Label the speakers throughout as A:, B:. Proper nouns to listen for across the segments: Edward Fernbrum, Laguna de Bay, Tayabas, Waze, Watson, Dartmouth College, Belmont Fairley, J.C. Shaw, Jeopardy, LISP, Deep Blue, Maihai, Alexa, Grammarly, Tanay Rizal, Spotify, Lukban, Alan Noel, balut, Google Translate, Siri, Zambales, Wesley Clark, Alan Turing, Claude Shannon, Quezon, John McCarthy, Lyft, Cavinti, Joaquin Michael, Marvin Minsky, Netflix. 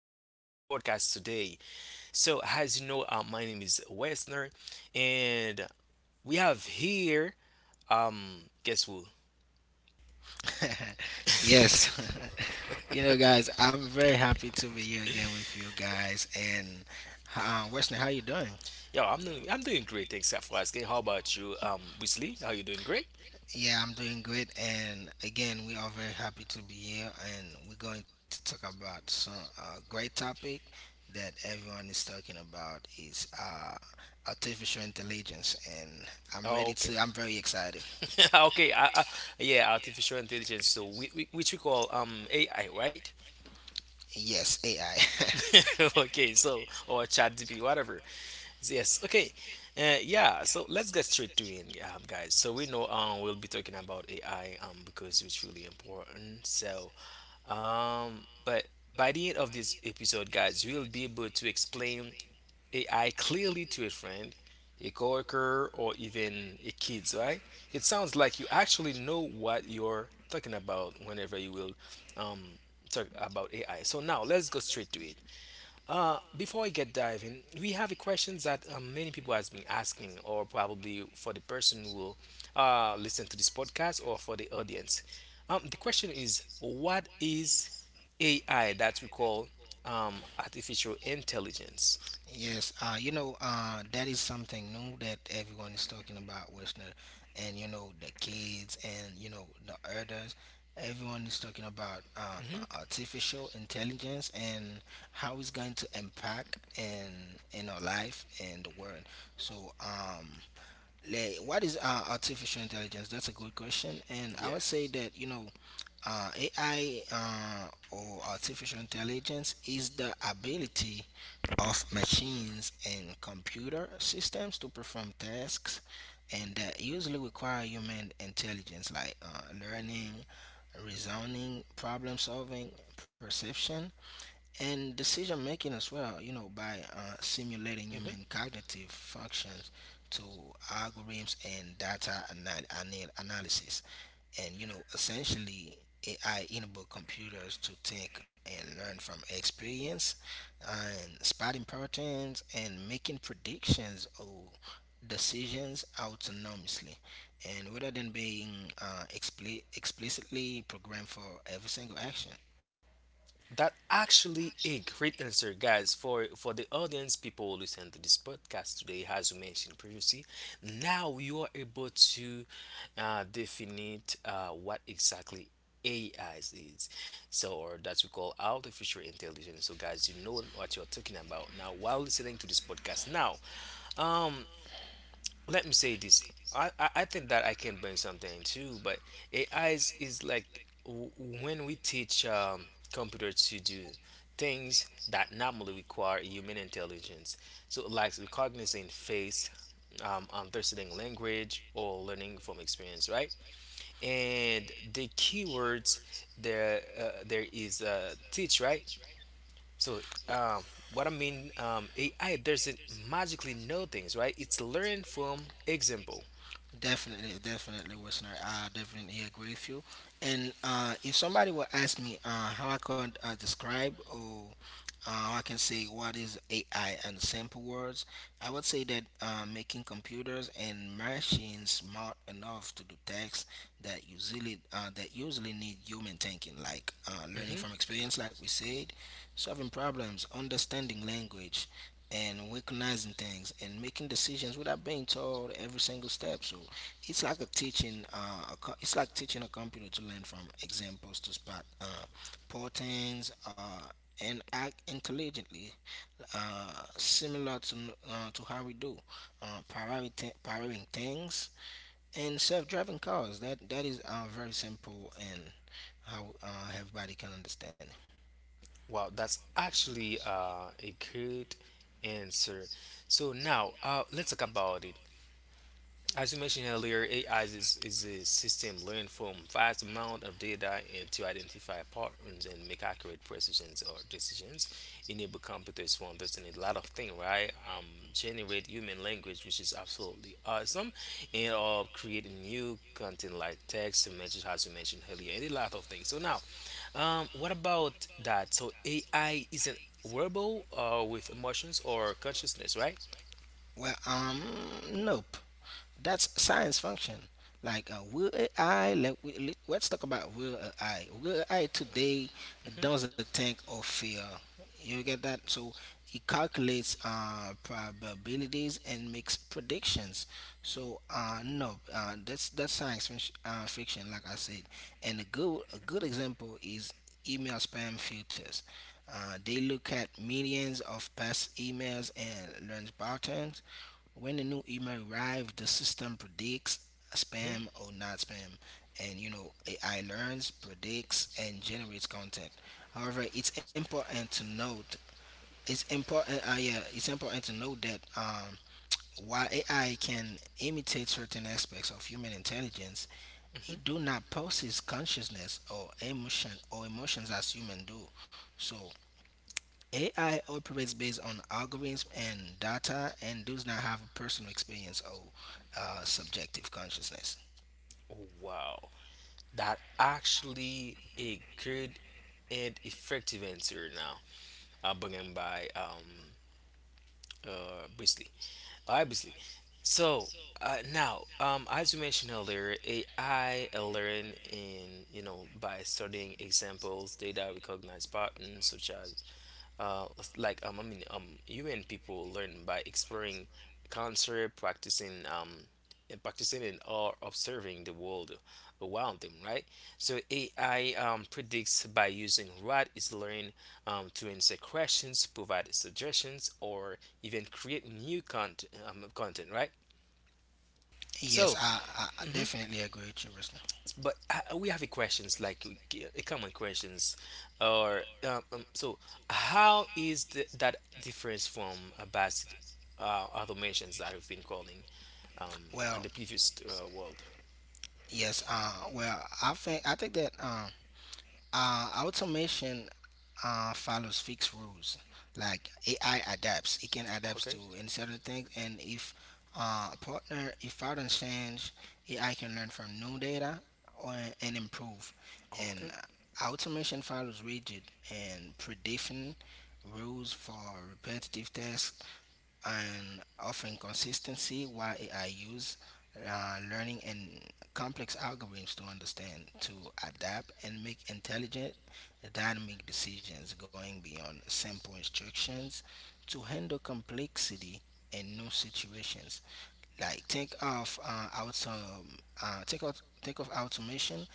A: podcast today. So, as you know, my name is Wesner, and we have here, guess who?
B: Yes. You know, guys, I'm very happy to be here again with you guys. And Wesley, how you doing?
A: Yo, I'm doing great, thanks for asking. How about you, Wesley? How you doing? Great?
B: Yeah, I'm doing great. And again, we are very happy to be here. And we're going to talk about some great topic that everyone is talking about is artificial intelligence. And I'm
A: Oh,
B: ready
A: okay.
B: to. I'm very excited.
A: okay, yeah, artificial intelligence, so we, which we call AI, right?
B: Yes, AI.
A: okay, so or chat DP, whatever. Yes. Okay. Yeah. So let's get straight to it, guys. So we know we'll be talking about AI because it's really important. So but by the end of this episode, guys, we'll be able to explain AI clearly to a friend, a coworker, or even a kids. Right? It sounds like you actually know what you're talking about whenever you will um talk about AI. So now let's go straight to it. Before I get diving, we have a question that many people has been asking, or probably for the person who will listen to this podcast, or for the audience. The question is, what is AI that we call artificial intelligence?
B: Yes, you know, that is something new that everyone is talking about, Westner, and you know the kids and you know the others. Everyone is talking about
A: Hmm.
B: artificial intelligence and how it's going to impact in our life and the world. So, like, what is artificial intelligence? That's a good question, and
A: Yeah.
B: I would say that you know AI or artificial intelligence is the ability of machines and computer systems to perform tasks and that usually require human intelligence like learning, reasoning, problem solving, perception, and decision making as well, you know, by simulating human cognitive functions to algorithms and data analysis, and you know essentially ai enable computers to think and learn from experience and spotting patterns and making predictions or decisions autonomously and rather than being explicitly programmed for every single action.
A: That actually a great answer, guys. For the audience, people listen to this podcast today, as we mentioned previously. Now you are able to define what exactly AI is, so or that we call artificial intelligence. So, guys, you know what you're talking about now while listening to this podcast. Now, um, let me say this. I think that I can bring something too, but is like when we teach computer to do things that normally require human intelligence. So like recognizing face, understanding language, or learning from experience, right? And the keywords there is teach, right? So what I mean, AI doesn't magically know things, right? It's learn from example.
B: Definitely, definitely, listener. I definitely agree with you. And if somebody will ask me how I could describe or how I can say what is AI in simple words, I would say that making computers and machines smart enough to do tasks that usually need human thinking, like learning
A: Hmm.
B: from experience, like we said, solving problems, understanding language, and recognizing things and making decisions without being told every single step. So it's like a teaching. It's like teaching a computer to learn from examples to spot patterns and act intelligently, similar to how we do prioritizing things and self-driving cars. That is very simple and how everybody can understand it.
A: Wow, that's actually a good answer. So now let's talk about it. As you mentioned earlier, is a system learned from vast amount of data and to identify patterns and make accurate precisions or decisions. Enable computers to understand a lot of things, right? Generate human language, which is absolutely awesome, and or create new content like text, images, as you mentioned earlier, and a lot of things. So now, what about that? So AI is a I isn't verbal with emotions or consciousness, right?
B: Well, nope. That's science function. Like uh, will AI? Let, we, let- Let's talk about will AI. Will AI today
A: Hmm.
B: doesn't think or feel. You get that? So it calculates probabilities and makes predictions. So no, that's science fiction, like I said. And a good example is email spam filters. They look at millions of past emails and learn patterns when the new email arrives, the system predicts spam
A: Hmm.
B: or not spam, and you know AI learns, predicts, and generates content. However, it's important to note that while AI can imitate certain aspects of human intelligence,
A: Hmm.
B: it do not possess consciousness or emotions as humans do. So AI operates based on algorithms and data and does not have a personal experience or subjective consciousness.
A: Wow. That actually a good and effective answer now. Bringing by Beasley. Beasley. So now, as you mentioned earlier, AI learn in you know by studying examples, data, recognize patterns such as uh, like human people learn by exploring culture, practicing and or observing the world around them, right? So AI predicts by using what is learned to answer questions, provide suggestions, or even create new content, right?
B: Yes,
A: So
B: I definitely agree with you, Ruslan.
A: but we have a questions like a common questions, or so how is that difference from a basic automations that we've been calling
B: Well,
A: in the previous world?
B: yes, well, I think that automation follows fixed rules. Like AI adapts, it can adapt to
A: Okay.
B: any certain things. And if if patterns change, AI can learn from new data or, and improve. And
A: Okay.
B: automation follows rigid and predefined rules for repetitive tasks and offering consistency while AI use learning and complex algorithms to understand, to adapt, and make intelligent, dynamic decisions going beyond simple instructions to handle complexity in new situations like take of out take out take off automation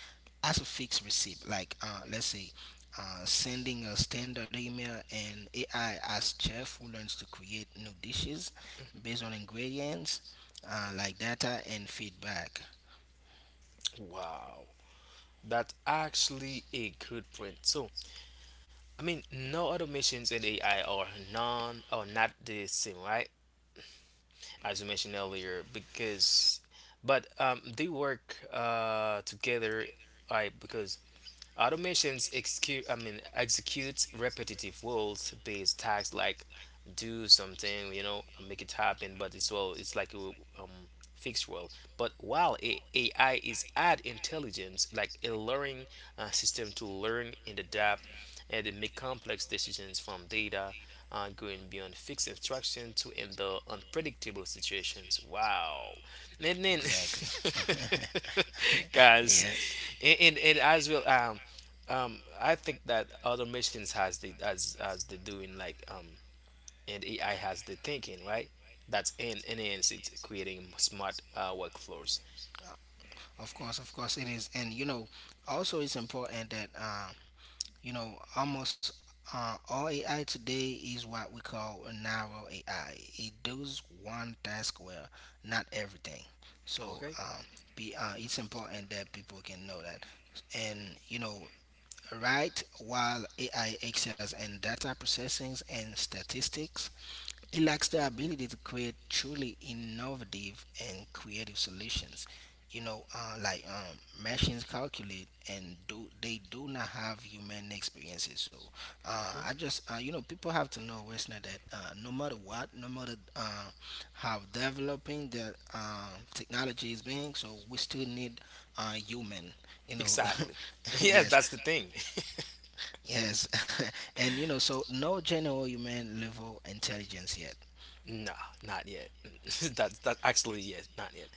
B: as a fixed receipt like let's say sending a standard email and AI as chef who learns to create new dishes
A: Mm-hmm.
B: based on ingredients like data and feedback
A: Wow, that's actually a good print. So I mean, no automations and AI are non or not the same, right? As you mentioned earlier, because but they work together, right? Because automations execute, I mean, execute repetitive rules-based tasks like do something, you know, make it happen. But it's well, it's like a um, fixed rule. But while AI is add intelligence, like a learning system to learn and adapt and make complex decisions from data, going beyond fixed instruction to handle unpredictable situations. Wow, and then
B: exactly.
A: guys,
B: Yeah,
A: and as well, I think that other missions has the as the doing like and AI has the thinking, right? That's in enhance it's creating smart workflows.
B: of course, it is, and you know also it's important that you know, almost all AI today is what we call a narrow AI. It does one task well, not everything. So
A: Okay.
B: it's important that people can know that. And you know, right, while AI excels in data processing and statistics, it lacks the ability to create truly innovative and creative solutions. You know, machines calculate and do they do not have human experiences. So
A: Hmm.
B: I just you know people have to know, listener, that no matter how developing the technology is being, so we still need human. You know,
A: Exactly. Yes,
B: yes.
A: that's the thing.
B: Yes, and you know, so no general human level intelligence yet.
A: No, not yet. That actually yes, not yet.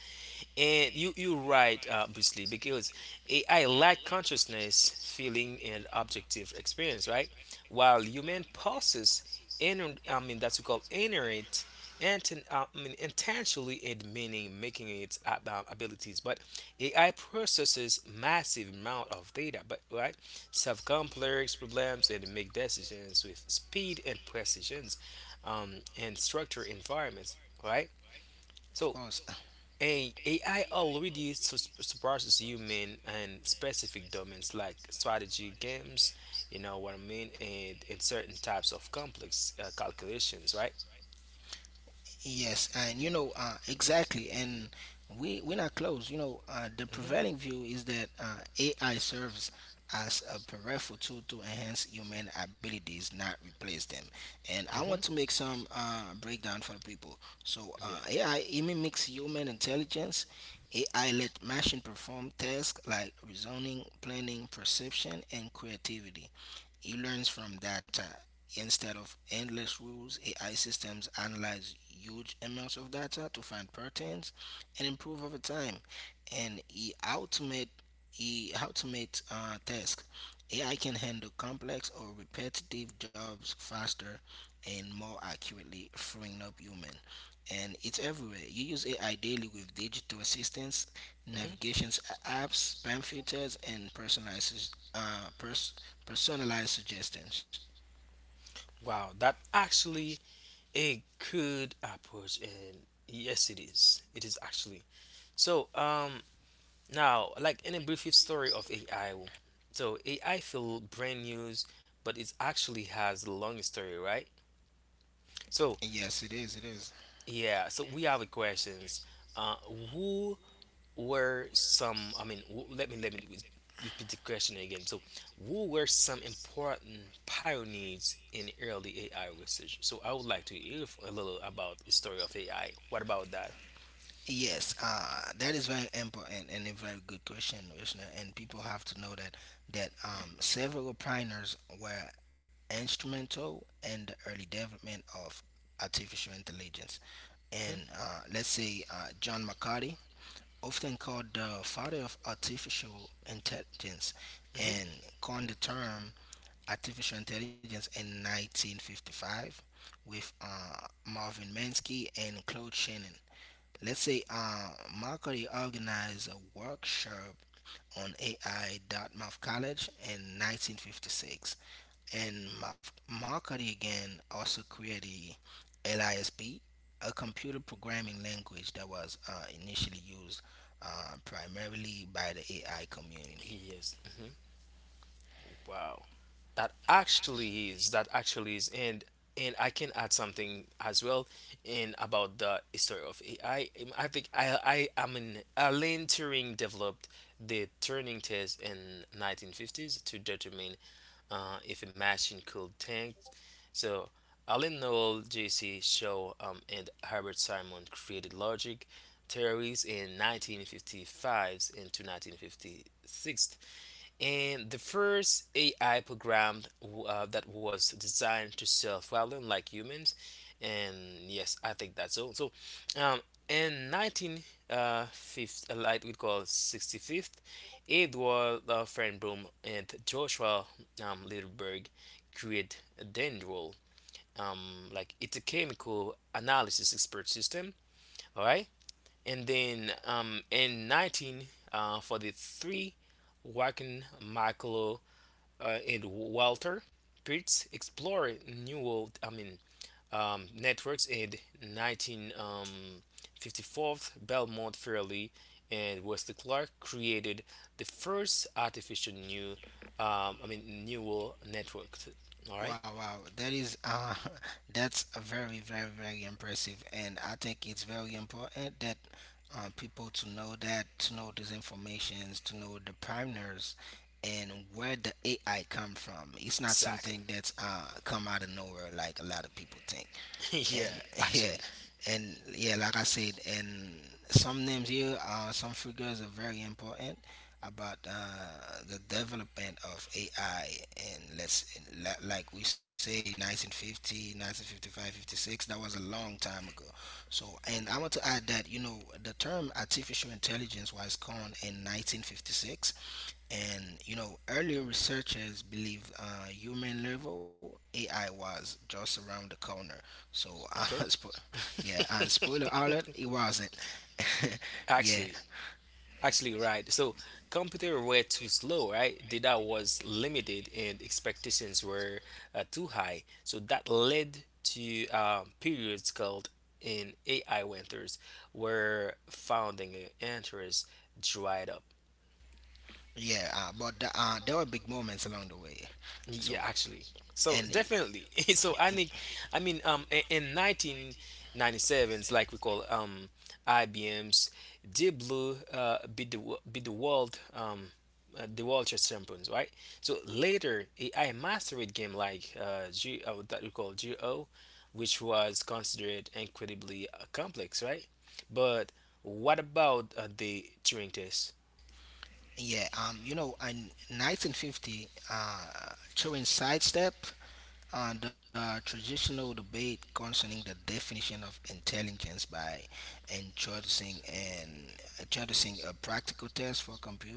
A: And you right, Bruce, because AI lack consciousness, feeling, and objective experience, right? While human process, in I mean that's what we call inherent, and I mean intentionally and meaning making its abilities. But AI processes massive amount of data, but right, solve complex problems and make decisions with speed and precisions, and structure environments, right?
B: Of
A: So
B: course.
A: hey, A AI already surpasses human in specific domains like strategy games, you know what I mean, and certain types of complex calculations, right?
B: Yes, and you know, exactly. And we're not close. You know, the
A: Hmm.
B: prevailing view is that AI serves as a powerful tool to enhance human abilities, not replace them. And I want
A: Hmm.
B: to make some breakdown for the people. So
A: Yeah.
B: AI mimics human intelligence. AI let machine perform tasks like reasoning, planning, perception, and creativity. He learns from data. Instead of endless rules, AI systems analyze huge amounts of data to find patterns and improve over time. And he automate tasks. AI can handle complex or repetitive jobs faster and more accurately, freeing up human. And it's everywhere. You use AI daily with digital assistants,
A: Hmm.
B: Navigation apps, spam filters, and personalized personalized suggestions.
A: Wow, that actually a good approach, and yes, it is. It is actually. So, now, like in a brief story of AI, so AI feel brand news, but it actually has a long story, right? So,
B: Yes, it is. It is.
A: yeah, so we have a questions. Uh, who were some? I mean, let me repeat the question again. So, who were some important pioneers in early AI research? So, I would like to hear a little about the story of AI. What about that?
B: Yes, that is very important and a very good question, listener. And people have to know that several pioneers were instrumental in the early development of artificial intelligence.
A: Mm-hmm.
B: And let's say John McCarthy, often called the father of artificial intelligence,
A: Mm-hmm.
B: and coined the term Artificial Intelligence in 1955 with Marvin Minsky and Claude Shannon. Let's say Mercury organized a workshop on AI at Dartmouth College in 1956, and Mercury again also created LISP, a computer programming language that was initially used primarily by the AI community.
A: Yes. Mm-hmm. Wow. That actually is. That actually is. And I can add something as well in about the history of AI. I think I mean Alan Turing developed the Turing test in 1950s to determine if a machine could think. So Alan Noel, J.C. Shaw, and Herbert Simon created logic theories in 1955 into 1956 and the first AI program that was designed to solve problems like humans. And yes, I think that's all. So, um, in 1950, like we call 65th, Edward Fernbrum and Joshua Littleberg create Dendrol. Like it's a chemical analysis expert system, all right? And then in 1943, Joaquin Michael and Walter Pitts explored new world. I mean, networks in 1954. Belmont Fairley and Wesley Clark created the first artificial neural network. All right,
B: Wow, wow. That is that's a very, very, very impressive and I think it's very important that people to know that, to know these informations, to know the partners and where the AI come from. It's not
A: exactly.
B: something that's come out of nowhere like a lot of people think and
A: yeah,
B: yeah
A: actually,
B: and yeah like I said and some names here some figures are very important about the development of ai and like we say 1950, 1955, 56. That was a long time ago. So and I want to add that you know the term artificial intelligence was coined in 1956 and you know, earlier researchers believed human level AI was just around the corner. So,
A: okay,
B: yeah, and spoiler alert, it wasn't. yeah,
A: actually, actually, right. So computer were too slow, right? Data was limited and expectations were too high. So that led to periods called in AI winters where founding interest dried up.
B: yeah, but there were big moments along the way.
A: Yeah,
B: So,
A: actually. So
B: and
A: definitely. So I mean, in 1997s, like we call IBM's Deep Blue beat the world chess champions, right? So later, AI mastered game like G that we call GO, which was considered incredibly complex, right? But what about the Turing test?
B: yeah, you know, in 1950, during sidestep and the traditional debate concerning the definition of intelligence by introducing and introducing a practical test for computer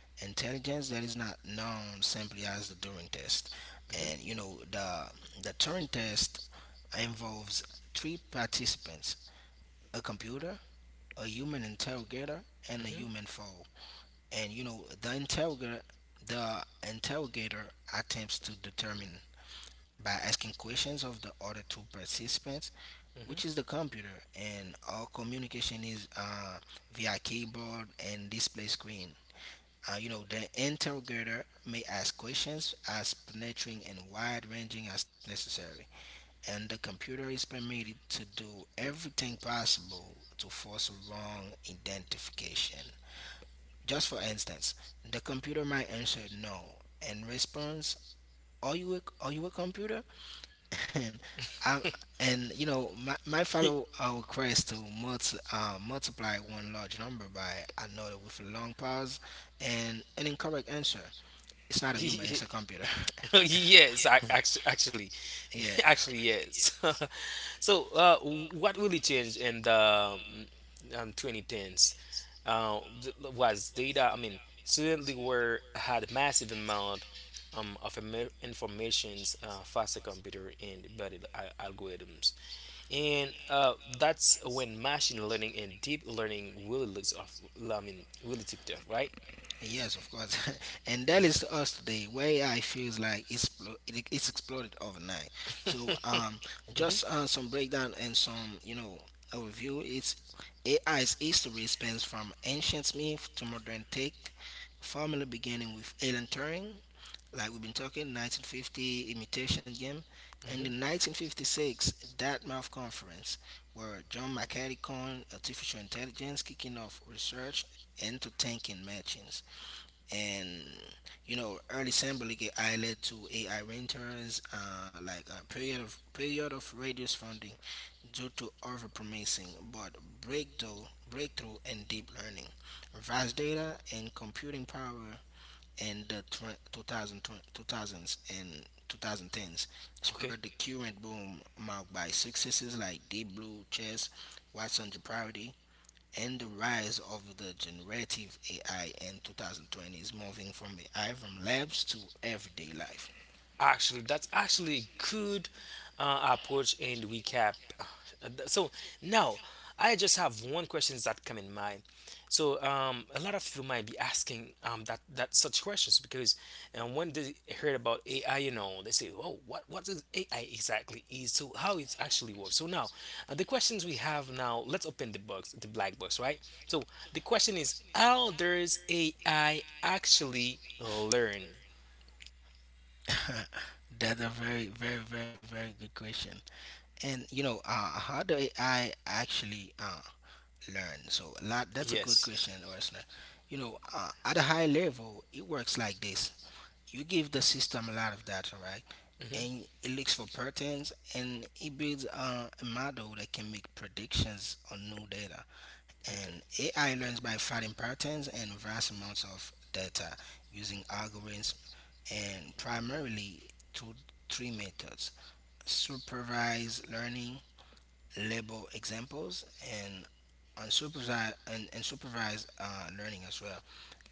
B: intelligence that is not known simply as the Turing test. And you know, the Turing test involves three participants: a computer, a human interrogator, and a
A: Hmm.
B: human foe, and you know the interrogator attempts to determine by asking questions of the other two participants
A: Hmm.
B: which is the computer, and all communication is via keyboard and display screen. You know, the interrogator may ask questions as penetrating and wide-ranging as necessary, and the computer is permitted to do everything possible to force a wrong identification. Just for instance, the computer might answer no in response, "Are you are you a computer?" And I and you know my, might follow our request to multiply one large number by another with a long pause and an incorrect answer. It's not a human; it's a computer.
A: yes, actually,
B: yeah.
A: actually, yes. so, what really changed in the mm, 2010s was data. I mean, suddenly were had massive amount of informations, faster computer and better algorithms and that's when machine learning and deep learning really looks off. I mean, really took off, right?
B: Yes, of course. and that is to us today where AI feels like it's exploded overnight. So
A: Mhm.
B: just some breakdown and some you know overview. It's AI's history spans from ancient myth to modern tech, formally beginning with Alan Turing, like we've been talking, 1950 imitation game, and in
A: Mhm.
B: 1956 Dartmouth Conference, where John McCarthy coined artificial intelligence, kicking off research into thinking matching, and you know early Sambalike Island to AI renters, like a period of reduced funding due to over promising, but breakthrough and deep learning, vast data and computing power and 2020, 2000s and 2010s
A: Okay.
B: spurred the current boom marked by successes like Deep Blue, Chess, Watson Jeopardy, and the rise of the generative AI in 2020 is moving from AI from labs to everyday life.
A: Actually, that's actually a good approach and recap. So now I just have one question that come in mind. So a lot of people might be asking that such questions because when they heard about AI, you know, they say, "Oh, what is AI exactly is? So how it's actually works?" So now the questions we have now. Let's open the box, the black box, right? So the question is, how does AI actually learn?
B: That's a very, very, very, very good question. And you know, how do AI actually learn? So a lot, that's a good
A: Yes.
B: question, Wesley. You know, at a high level, it works like this: you give the system a lot of data, right?
A: Mhm.
B: And it looks for patterns, and it builds a model that can make predictions on new data.
A: Okay.
B: And AI learns by finding patterns and vast amounts of data using algorithms and primarily through three methods: supervised learning, label examples, and unsupervised, and supervised learning as well,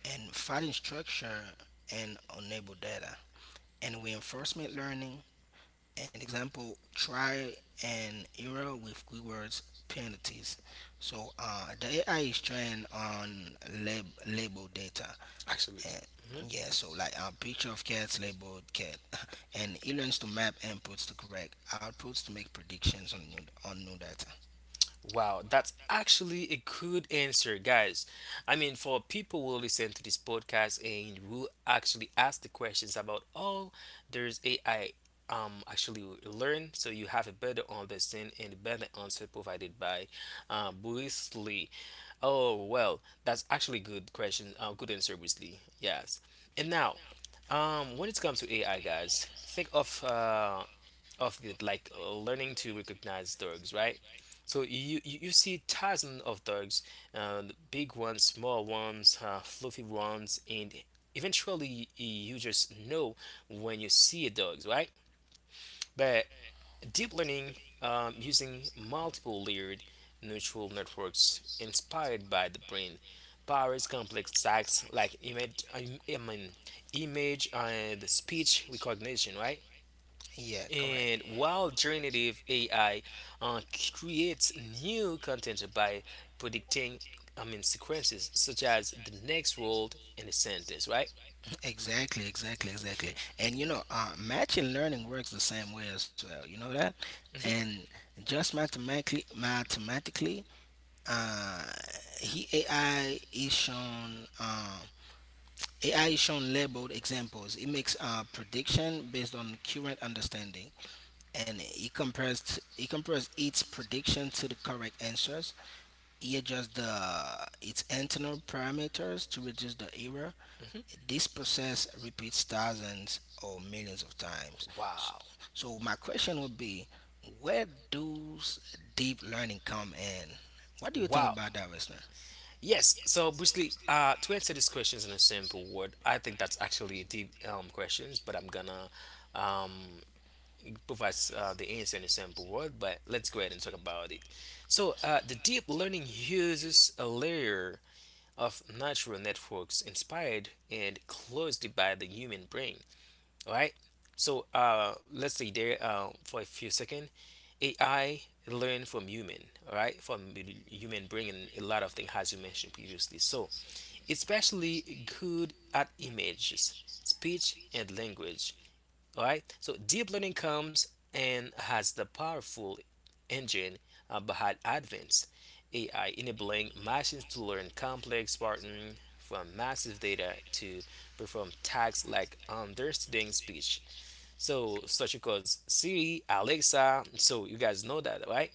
B: and finding structure and unable data, and reinforcement learning an example, try and error with keywords penalties. So the AI is trained on label data.
A: Actually,
B: And
A: mhm.
B: yeah, so like a picture of cats labeled cat, and it learns to map inputs to correct outputs to make predictions on on new data.
A: Wow, that's actually a good answer, guys. I mean, for people who listen to this podcast and who actually ask the questions about all there's AI actually learn, so you have a better understanding and a better answer provided by Bruce Lee. Oh well, that's actually good question. Good answer, Bruce Lee. Yes. And now, when it comes to AI, guys, think of the like learning to recognize dogs, right? So you, you see thousands of dogs, uh, big ones, small ones, fluffy ones, and eventually you just know when you see a dog, right? But deep learning using multiple layered neural networks inspired by the brain powers complex tasks like image I mean image and speech recognition, right?
B: Yeah, correct.
A: And while generative AI uh, creates new content by predicting, I mean, sequences such as the next word in a sentence, right?
B: Exactly, exactly, exactly. And you know, matching learning works the same way as well. You know that,
A: Mhm.
B: and just mathematically, uh, he AI is shown. Uh, AI is shown labeled examples. It makes a prediction based on current understanding, and he he compares its prediction to the correct answers. He adjusts the its internal parameters to reduce the error.
A: Mhm.
B: This process repeats thousands or millions of times. S-
A: Wow,
B: So my question would be, where does deep learning come in? What do you think
A: wow.
B: about that, listener?
A: Yes. So, briefly, to answer these questions in a simple word, I think that's actually a deep questions, but I'm gonna um, provide the answer in a simple word. But let's go ahead and talk about it. So, the deep learning uses a layer of natural networks inspired and closely by the human brain. All right? So let's say there for a few seconds, AI learn from human, all right, from the human brain and a lot of things as you mentioned previously. So especially good at images, speech, and language. All right. So deep learning comes and has the powerful engine behind advanced AI, enabling machines to learn complex patterns from massive data to perform tasks like understanding speech. So such as Siri, Alexa. So you guys know that, right?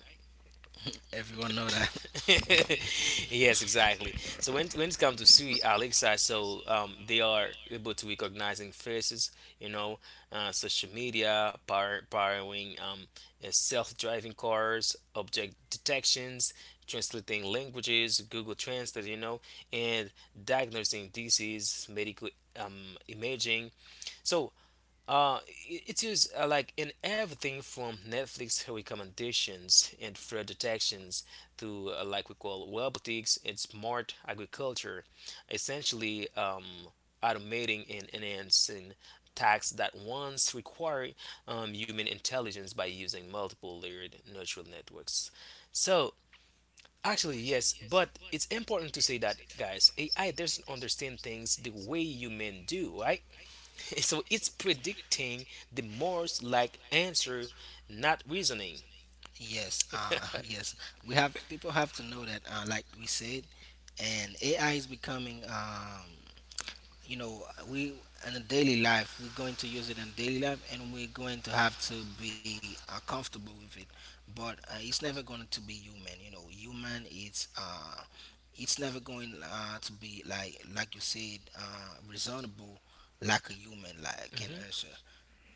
B: Everyone know that.
A: Yes, exactly. So when it comes to Siri, Alexa, so they are able to recognizing faces, you know, social media, powering self-driving cars, object detections, translating languages, Google Translate, and diagnosing disease, medical imaging. So uh, it's used like in everything from Netflix recommendations and fraud detections to like we call robotics and smart agriculture, essentially automating and enhancing tasks that once required human intelligence by using multiple layered neural networks. So actually yes, but it's important to say that, guys, AI doesn't understand things the way human do, right? So it's predicting the most like answer, not reasoning.
B: Yes, yes. We have people have to know that, like we said, and AI is becoming, you know, we in a daily life. We're going to use it in daily life, and we're going to have to be comfortable with it. But it's never going to be human. You know, human. It's never going to be like you said, reasonable, like a human like can
A: Hmm.
B: answer.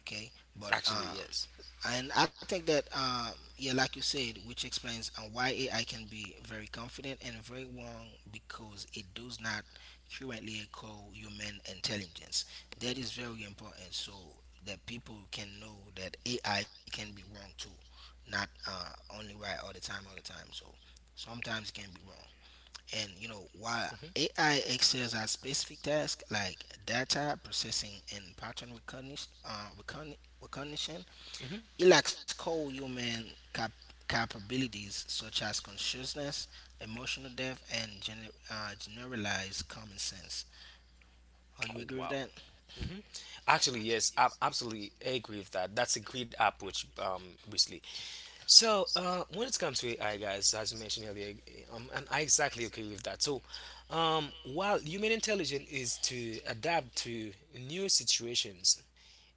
B: Okay, but
A: Actually, yes.
B: and I think that, yeah, like you said, which explains why AI can be very confident and very wrong because it does not currently echo human intelligence. That is very important so that people can know that AI can be wrong too, not only right all the time, all the time. So sometimes it can be wrong. And you know, while
A: Hmm.
B: AI excels at specific tasks like data processing and pattern recognition, recognition,
A: Hmm.
B: it lacks core human capabilities such as consciousness, emotional depth, and generalized common sense. Are you
A: Oh,
B: agree with
A: wow.
B: that?
A: Hmm. Actually, yes, I absolutely agree with that. That's a great approach, Wesley. So, when it comes to AI, guys, as you mentioned earlier, and I exactly agree with that. So, while human intelligence is to adapt to new situations,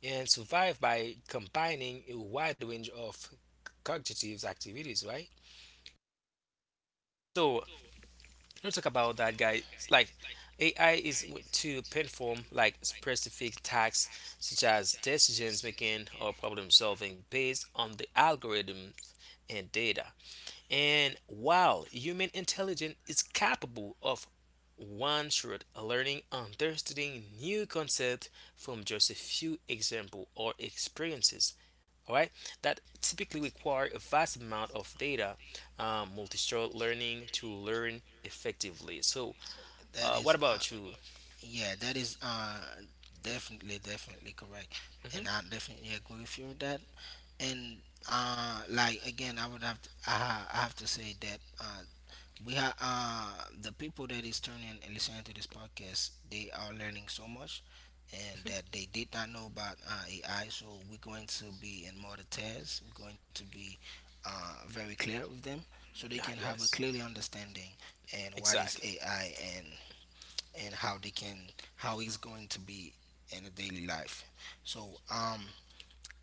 A: and survive by combining a wide range of cognitive activities, right? So let's talk about that, guys. Like AI is to perform like specific tasks such as decisions making or problem solving based on the algorithms and data. And while human intelligence is capable of one shot learning understanding new concepts from just a few examples or experiences, all right, that typically require a vast amount of data, multi-store learning to learn effectively. so
B: That is,
A: uh, what
B: uh,
A: about you?
B: yeah, that is definitely, definitely correct, and I
A: Hmm.
B: definitely agree with you with that. And like again, I would have to, I have to say that we have the people that is turning and listening to this podcast. They are learning so much, and that they did not know about AI. So we're going to be in more details. We're going to be very clear with them, so they
A: Ah,
B: can have a
A: yes,
B: clearly understanding and what is
A: exactly.
B: AI and and how they can how it's going to be in a daily life. So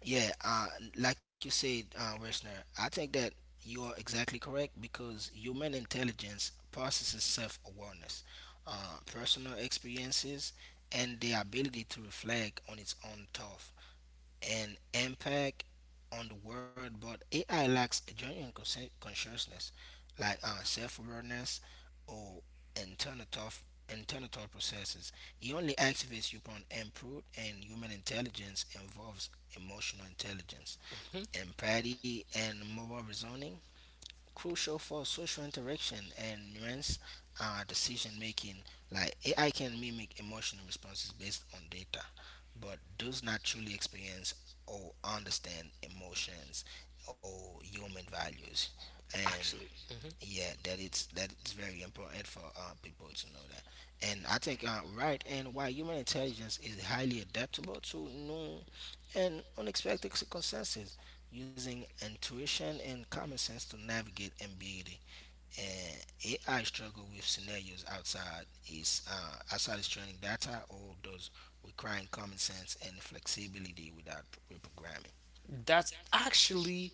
B: yeah, like you said, Resner, I think that you are exactly correct because human intelligence processes self awareness, personal experiences and the ability to reflect on its own thought and impact on the world, but AI lacks a genuine consciousness, like self-awareness or internal thought, internal thought processes. It only activates you upon input, and human intelligence involves emotional intelligence,
A: Hmm.
B: empathy, and moral reasoning crucial for social interaction and nuanced decision making. Like AI can mimic emotional responses based on data, but does not truly experience or understand emotions or human values.
A: Actually, mhm.
B: Yeah, that it's very important for people to know that. And I think right, and why human intelligence is highly adaptable to new and unexpected circumstances using intuition and common sense to navigate ambiguity, and AI struggle with scenarios outside its training data or those requiring common sense and flexibility without reprogramming.
A: That's actually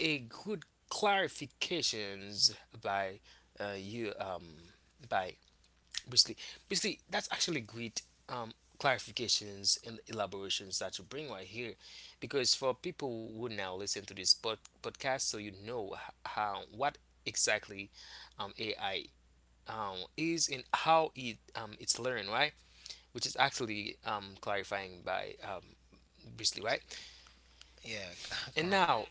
A: a good clarifications by you, by Basically, basically, that's actually great um, clarifications and elaborations that you bring right here, because for people who now listen to this podcast, so you know how what exactly AI is and how it's learned, right? Which is actually clarifying by Brisley, right?
B: Yeah.
A: And
B: Correct.
A: now,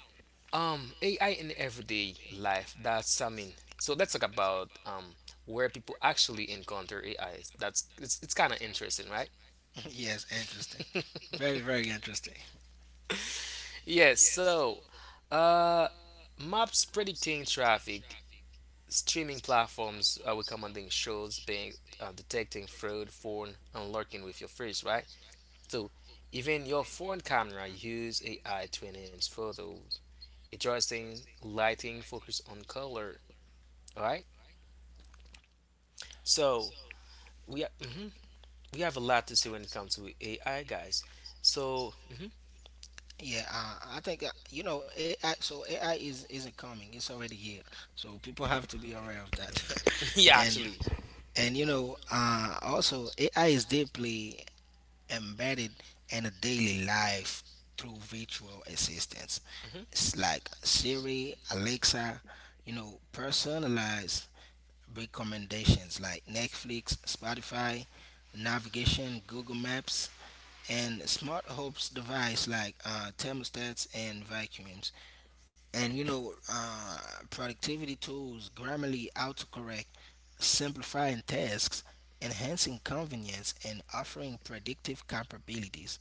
A: AI in everyday life. That's, I mean, so let's talk about where people actually encounter AI. It's kind of interesting, right?
B: Yes, interesting. Very, very interesting.
A: Yes, so uh, maps predicting traffic, streaming platforms are recommending shows, being detecting fraud, phone, and lurking with your face, right? So even your phone camera use AI to enhance photos, adjusting lighting, focus on color, all right? So we ha- mhm, we have a lot to see when it comes to AI, guys. So
B: Yeah, I think that, you know, AI. So AI is isn't coming; it's already here. So people have to be aware of that.
A: yeah,
B: and
A: actually.
B: and you know, also AI is deeply embedded in a daily life through virtual assistants.
A: Mm-hmm.
B: It's like Siri, Alexa, you know, personalized recommendations like Netflix, Spotify, navigation, Google Maps, and smart hopes device like thermostats and vacuums, and you know, productivity tools grammarly autocorrect, simplifying tasks, enhancing convenience and offering predictive capabilities.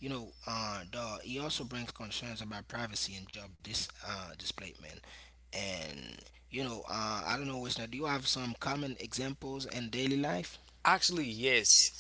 B: You know, the, it also brings concerns about privacy and job displacement, and you know, I don't know, Wisner, do you have some common examples in daily life?
A: Actually, yes.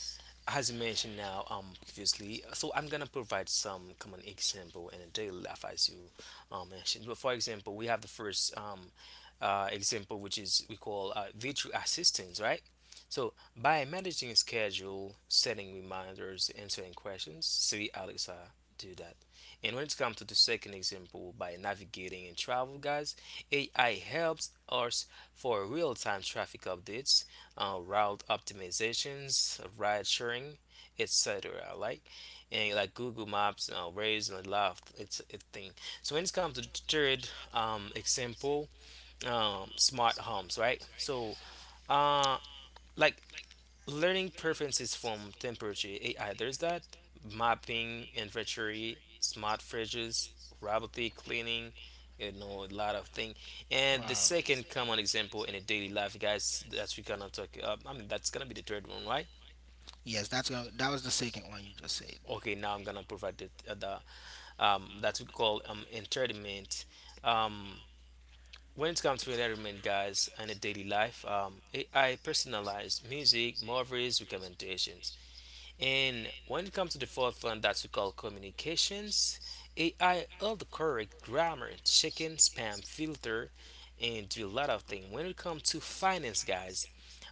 A: As you mentioned now, previously, so I'm gonna provide some common example in a daily life as you mentioned. But for example, we have the first example which is we call virtual assistants, right? So, by managing schedule, setting reminders, answering questions, Siri, Alexa do that. And when it comes to the second example, by navigating and travel, guys, AI helps us for real-time traffic updates, route optimizations, ride sharing, etc. Like, and like Google Maps, Waze, and Lyft, it's a thing. So when it comes to the third example, smart homes, right? So uh, like learning preferences from temperature AI. There's that mapping, inventory, smart fridges, robotic cleaning. You know a lot of things. And the
B: Wow.
A: second common example in a daily life, guys, that's we gonna talk. I mean, that's gonna be the third one, right?
B: Right? Yes, that's a, that was the second one you just said.
A: Okay, now I'm gonna provide the that's what we call entertainment. Um, when it comes to entertainment, guys, in a daily life, AI personalized music, movies, recommendations. And when it comes to the fourth one that we call communications, AI autocorrect grammar, chicken spam filter, and do a lot of things. When it comes to finance, guys,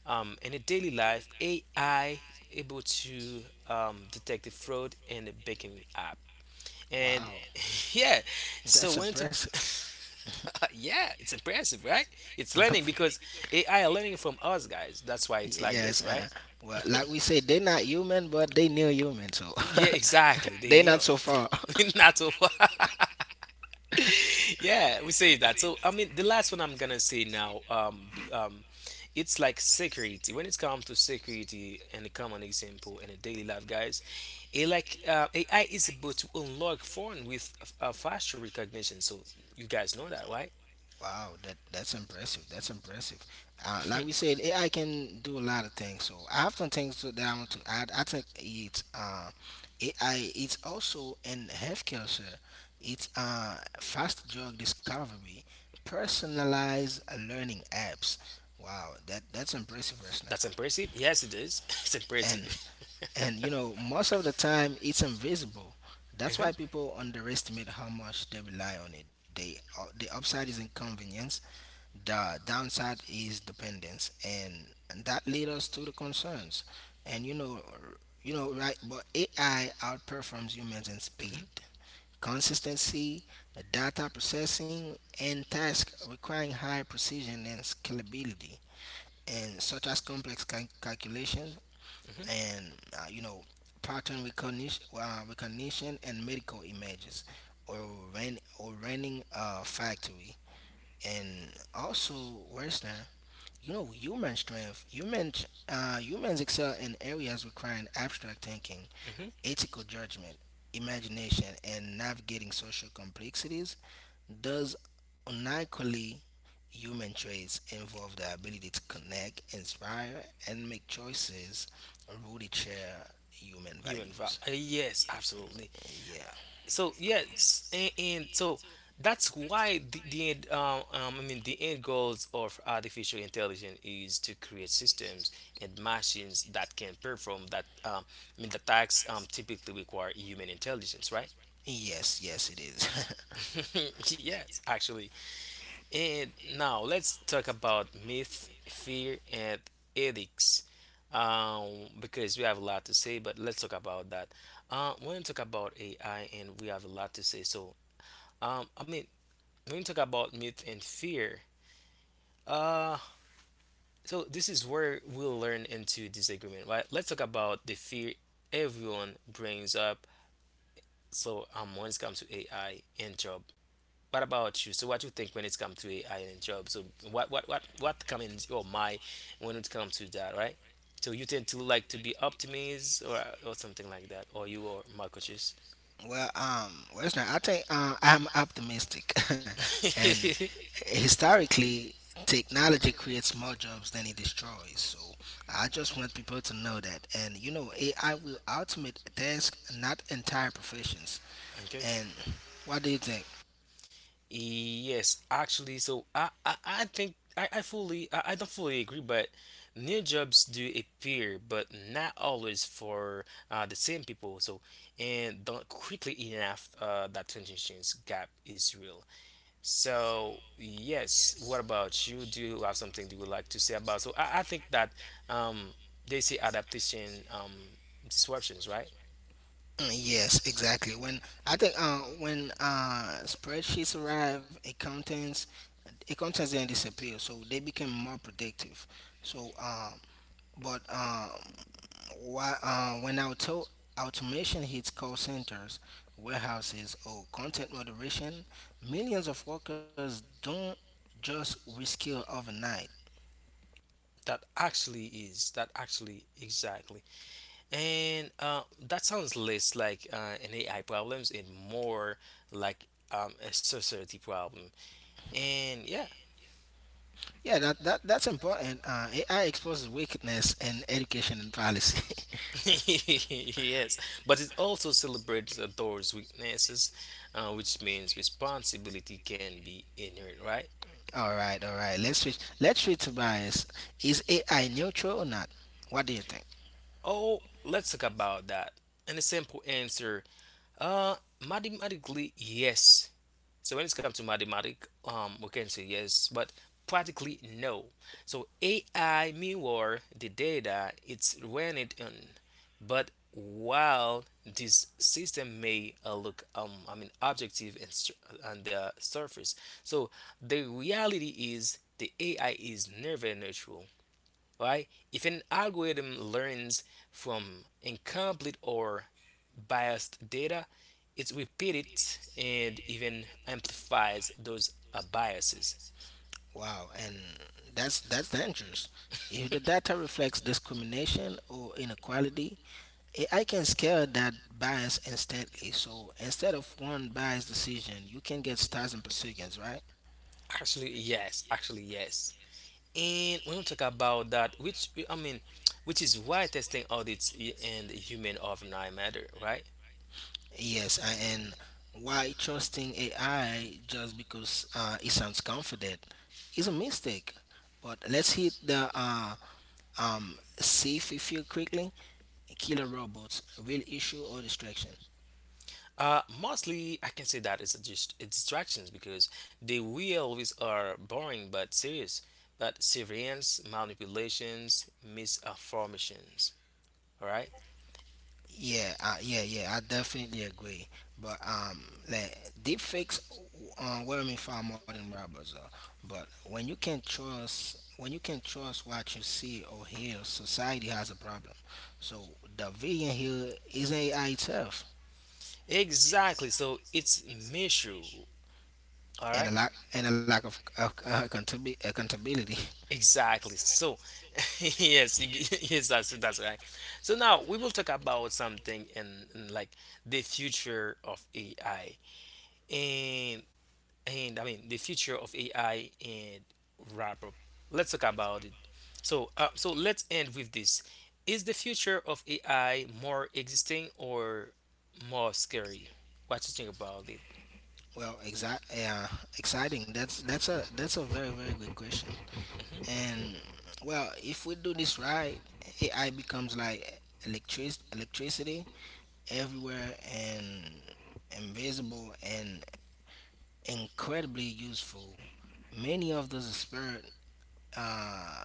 A: in a daily life, AI able to detect the fraud in the banking app. And
B: Wow.
A: yeah,
B: And
A: so
B: that's
A: when it's
B: impressive.
A: yeah, it's impressive, right? It's learning because AI are learning from us, guys. That's why
B: A I
A: it's like
B: yes.
A: this, right?
B: Well, like we said, they're not human, but they near human, so
A: Yeah, exactly. They
B: they exactly.
A: knew
B: Not so far.
A: it. Not so far. Yeah, we say that. So I mean, the last one I'm gonna say now, it's like security. When it comes to security, and a common example in a daily life, guys, it like AI is able to unlock phone with a facial recognition. So you guys know that, right?
B: Wow, that that's impressive. That's impressive. Like we said, AI can do a lot of things. So I have some things that I want to add. I think it's AI. It's also in healthcare, sir. It's fast drug discovery, personalized learning apps. Wow, that that's impressive, listener.
A: That's impressive. Yes, it is. It's
B: And
A: impressive.
B: and you know, most of the time it's invisible. That's
A: Uh-huh.
B: why people underestimate how much they rely on it. They the upside is inconvenience, the downside is dependence, and that leads us to the concerns. And you know, you know, right? But AI outperforms humans in speed,
A: Hmm.
B: consistency, data processing, and tasks requiring high precision and scalability, and such as complex calculations,
A: Hmm. Hmm.
B: and you know, pattern recognition, and medical images, or or running a factory and also worse than. You know, human strength. Humans, humans excel in areas requiring abstract thinking, ethical judgment, imagination, and navigating social complexities. Those uniquely human traits involve the ability to connect, inspire, and make choices rooted share human
A: Human, right?
B: values.
A: Yes, absolutely.
B: Yeah.
A: So yes, and so that's why the end the end goals of artificial intelligence is to create systems and machines that can perform that I mean the tasks typically require human intelligence, right?
B: Yes, yes, it is.
A: Yes, actually. And now let's talk about myth, fear, and ethics, um, because we have a lot to say, but let's talk about that. We're going to talk about AI and we have a lot to say, so um, i mean when we talk about myth and fear, uh, so this is where we'll learn into disagreement, right? Let's talk about the fear everyone brings up. So, when it comes to AI and job, what about you? So, what you think when it comes to AI and job? So, what comes in your mind when it comes to that, right? So, you tend to like to be optimist or something like that, or you are Marcus.
B: Well, Western, I think I'm optimistic, and historically, technology creates more jobs than it destroys. So I just want people to know that, and you know, AI will automate tasks, not entire professions.
A: Okay.
B: And what do you think?
A: Yes, actually, so I think I don't fully agree, but new jobs do appear, but not always for the same people. So and don't quickly enough, that transitions gap is real. So yes, what about you? Do you have something that you would like to say about? So I think that um they say adaptation, disruptions, right?
B: Mm, yes, exactly. When I think when spreadsheets arrive, accountants then disappear, so they became more predictive. So, but why, when automation hits call centers, warehouses, or content moderation, millions of workers don't just reskill overnight.
A: That actually is that actually exactly. And that sounds less like an AI problems and more like a society problem. And yeah.
B: Yeah, that's important. AI exposes wickedness in education and policy.
A: Yes, but it also celebrates those weaknesses, which means responsibility can be inherent, right?
B: All right, all right. Let's switch to bias. Is AI neutral or not? What do you think?
A: Oh, let's talk about that. And a simple answer, uh, mathematically, yes. So when it comes to mathematics, we can say yes, but practically no. So AI mirror the data it's when it on, but while this system may look, I mean, objective and on the surface, so the reality is the AI is never neutral, right? If an algorithm learns from incomplete or biased data, it repeats and even amplifies those biases.
B: Wow, and that's dangerous. If the data reflects discrimination or inequality, AI can scale that bias instantly. So instead of one biased decision, you can get thousand per seconds, right?
A: Actually, yes. Actually, yes. And when we talk about that, which, I mean, which is why testing audits and human overnight matter, right?
B: Yes, and why trusting AI just because it sounds confident is a mistake. But let's hit the safe if you quickly. Killer robots, real issue or distraction?
A: Mostly, I can say that it's just distractions because they will always are boring but serious, but surveillance, manipulations, misinformations. All right,
B: Yeah, yeah. I definitely agree. But like deep fakes worry me far more than robbers. But when you can trust what you see or hear, society has a problem. So the villain here is AI itself,
A: exactly. So it's measure. All
B: and
A: right,
B: a lack of, accountability.
A: exactly. So, yes, yes, that's right. So now we will talk about something in like the future of AI and and the future of AI and wrap up. Let's talk about it. So, so let's end with this. Is the future of AI more existing or more scary? What you think about it?
B: Well, yeah, exciting. That's that's a very, very good question.
A: Hmm.
B: And well, if we do this right, AI becomes like electricity everywhere and invisible and incredibly useful. Many of those experts uh,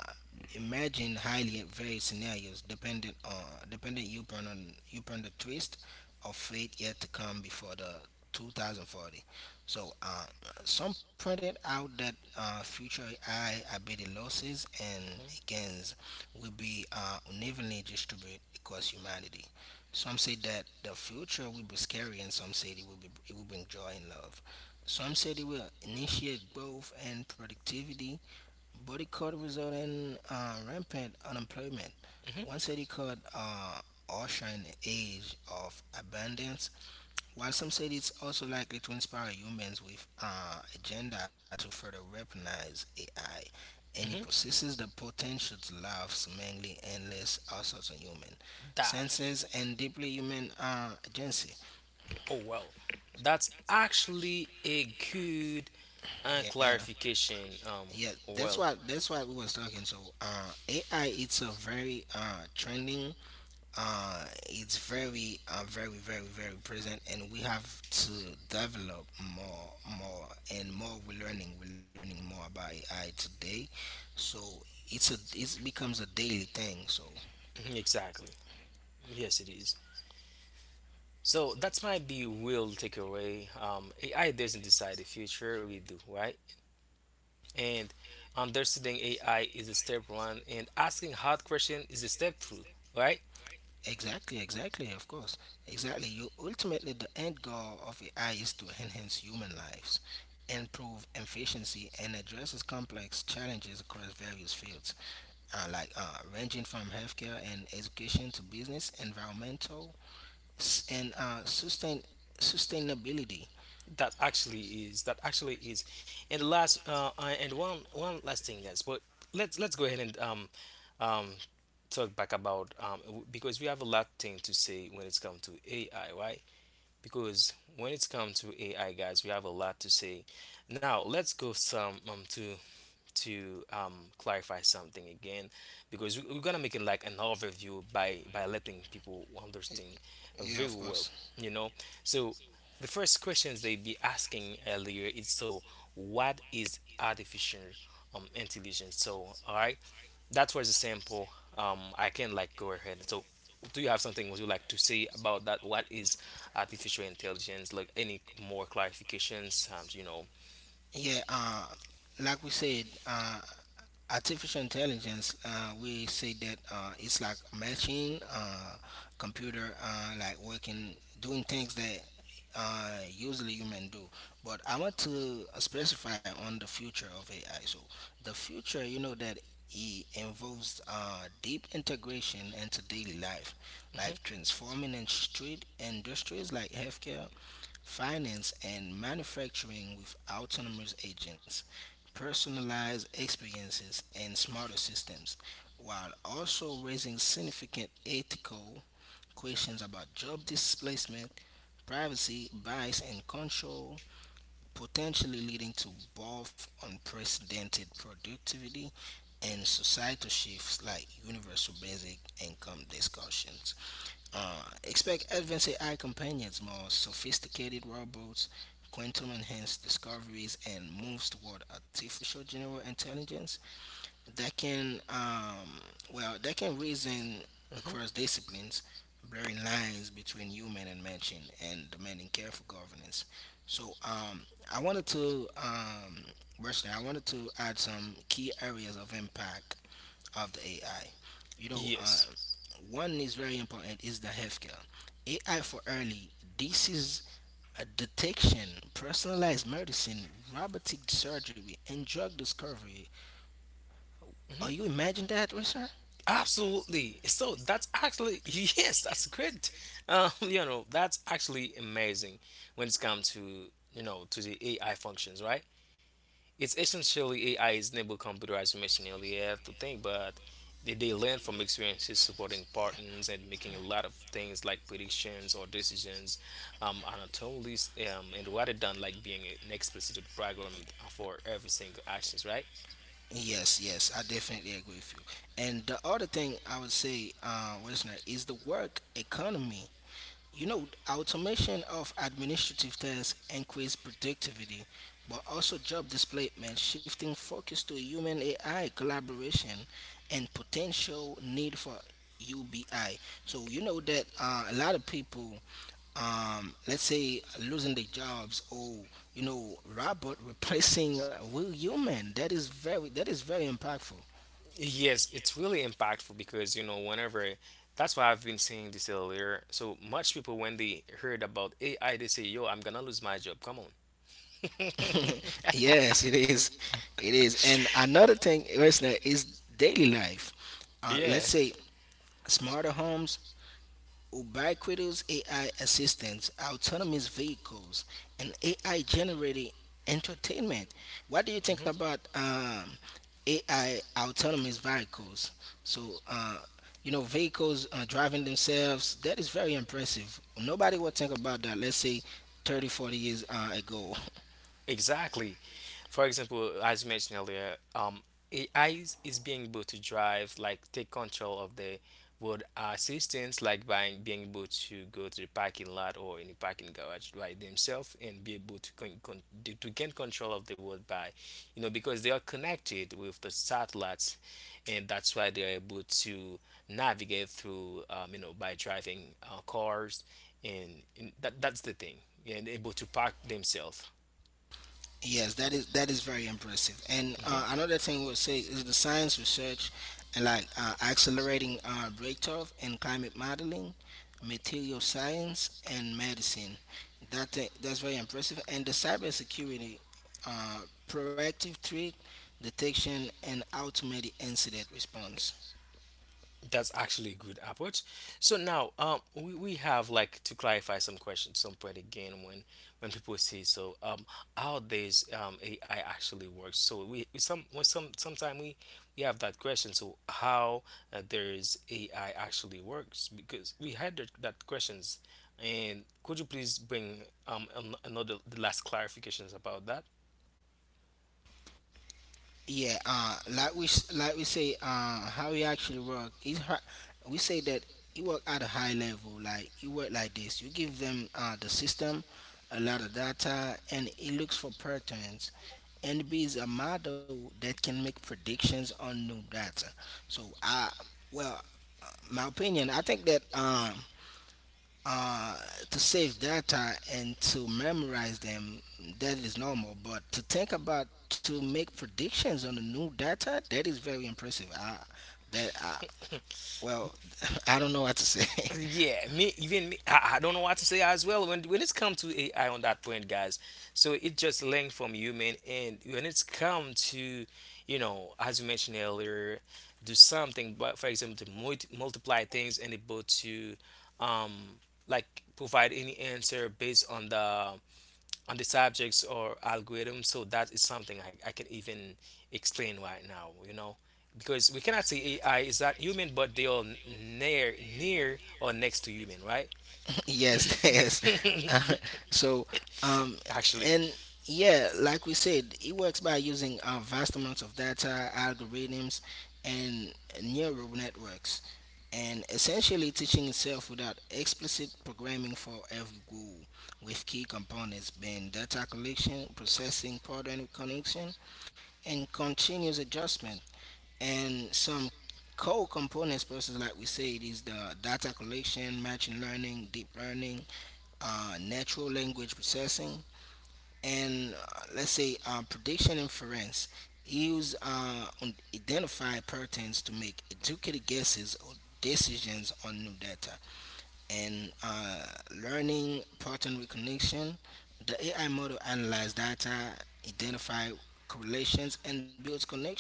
B: imagine highly varied scenarios dependent upon the twist of fate yet to come before the 2040. So some pointed out that future AI ability losses and gains will be unevenly distributed across humanity. Some say that the future will be scary, and some say it will be it will bring joy and love. Some said it will initiate growth and productivity, but it could result in rampant unemployment.
A: Hmm.
B: One said it could usher in an age of abundance, while some said it's also likely to inspire humans with agenda to further weaponize AI. And it
A: Hmm.
B: possesses the potential to love seemingly endless assaults on human
A: That.
B: senses and deeply human agency.
A: Oh, well, that's actually a good
B: Yeah.
A: clarification.
B: Yeah, that's
A: Well,
B: why. That's why we was talking. So, AI it's a very trending, it's very very present, and we have to develop more, more and more. We're learning more about AI today, so it becomes a daily thing. So
A: exactly. Yes, it is. So that might be real takeaway. AI doesn't decide the future, we do, right? And understanding AI is a step one, and asking hard question is a step two, right?
B: exactly, exactly, of course. Exactly. You ultimately the end goal of AI is to enhance human lives, improve efficiency and addresses complex challenges across various fields. Like ranging from healthcare and education to business, environmental, s- and sustain sustainability.
A: That actually is. That actually is. And last, and one last thing, yes. But let's go ahead and um, talk back about because we have a lot thing to say when it's come to AI, right? Because when it's come to AI, guys, we have a lot to say. Now let's go some, to clarify something again, because we're gonna make it like an overview by letting people
B: Y-
A: understand
B: Yeah,
A: very
B: of
A: well,
B: course.
A: you know. So the first questions they be asking earlier is, so what is artificial intelligence? So all right, that was a sample. I can like go ahead. So, do you have something would you like to say about that? What is artificial intelligence? Like any more clarifications?
B: Yeah, uh, like we said, artificial intelligence, we say that it's like a machine, computer, like working, doing things that usually human do. But I want to specify on the future of AI. So the future, you know that it involves deep integration into daily life,
A: Hmm.
B: like transforming in street industries like healthcare, finance, and manufacturing with autonomous agents, personalized experiences, and smarter systems, while also raising significant ethical questions about job displacement, privacy, bias, and control, potentially leading to both unprecedented productivity and societal shifts like universal basic income discussions. Expect advanced AI companions, more sophisticated robots, quantum enhanced discoveries, and moves toward artificial general intelligence that can, that can reason
A: Hmm.
B: across disciplines, blurring lines between human and machine, and demanding careful governance. So, um, I wanted to, Rushdie, I wanted to add some key areas of impact of the AI. You know, uh,
A: Yes.
B: One is very important is the healthcare. AI for early disease detection, personalized medicine, robotic surgery, and drug discovery. Are
A: Hmm.
B: you imagine that, sir?
A: Absolutely. So that's actually yes, that's great. That's actually amazing when it's come to to the AI functions, right? It's essentially AI is enabled computer, as you mentioned earlier. I have to think, but they learn from experiences supporting partners and making a lot of things like predictions or decisions anatomically, and rather than like being an explicit program for every single actions, right?
B: Yes, yes, I definitely agree with you. And the other thing I would say, listener, is the work economy. You know, automation of administrative tasks increase productivity, but also job displacement, shifting focus to human AI collaboration and potential need for UBI. So you know that a lot of people, let's say, losing their jobs or you know, robot replacing real human. That is very impactful.
A: Yes, it's really impactful because you know whenever that's why I've been saying this earlier. So much people when they heard about AI, they say, "Yo, I'm gonna lose my job." Come on.
B: Yes, it is. It is. And another thing, listener, is daily life.
A: Yeah.
B: Let's say smarter homes, ubiquitous AI assistants, autonomous vehicles, and AI generated entertainment. What do you think about AI autonomous vehicles? So, uh, you know, vehicles driving themselves, that is very impressive. Nobody would think about that, let's say 30, 40 years ago.
A: Exactly. For example, as you mentioned earlier, AI is being able to drive, like take control of the road assistance, like by being able to go to the parking lot or in the parking garage by themselves and be able to to gain control of the road by, you know, because they are connected with the satellites, and that's why they are able to navigate through, you know, by driving cars, and that's the thing, and able to park themselves.
B: Yes, that is very impressive. And
A: Mm-hmm.
B: another thing we'll say is the science research and like accelerating breakthrough in climate modeling, material science, and medicine. That's very impressive. And the cybersecurity, uh, proactive threat detection, and automated incident response.
A: That's actually a good approach. So now, we have like to clarify some questions, some point again when people say so, how this AI actually works. So we some when some sometime we have that question. So how there's AI actually works because we had that questions, and could you please bring another the last clarifications about that?
B: Yeah, like we s- like we say, How he actually work. We say that he work at a high level. Like he work like this. You give them the system, a lot of data, and he looks for patterns. And B a model that can make predictions on new data. So I, well, my opinion, I think that uh, to save data and to memorize them, that is normal. But to think about to make predictions on the new data, that is very impressive. I, that I, well, I don't know what to say.
A: Yeah, me even me, I don't know what to say as well when it's come to AI on that point, guys. So it just learned from human, and when it's come to, you know, as you mentioned earlier, do something, but for example, to multiply things and able to, um, like provide any answer based on the subjects or algorithms. So that is something I can even explain right now, you know, because we cannot say AI is not human, but they are near, near or next to human, right?
B: Yes. Yes. Uh, so um
A: Actually.
B: and Yeah, like we said, it works by using vast amounts of data algorithms and neural networks and essentially teaching itself without explicit programming for every goal, with key components being data collection processing pattern recognition and continuous adjustment. And some core components process, like we said, is the data collection machine learning deep learning, natural language processing, and let's say prediction inference, use identify patterns to make educated guesses or decisions on new data. And learning pattern recognition, the AI model analyzes data, identify correlations and builds connection.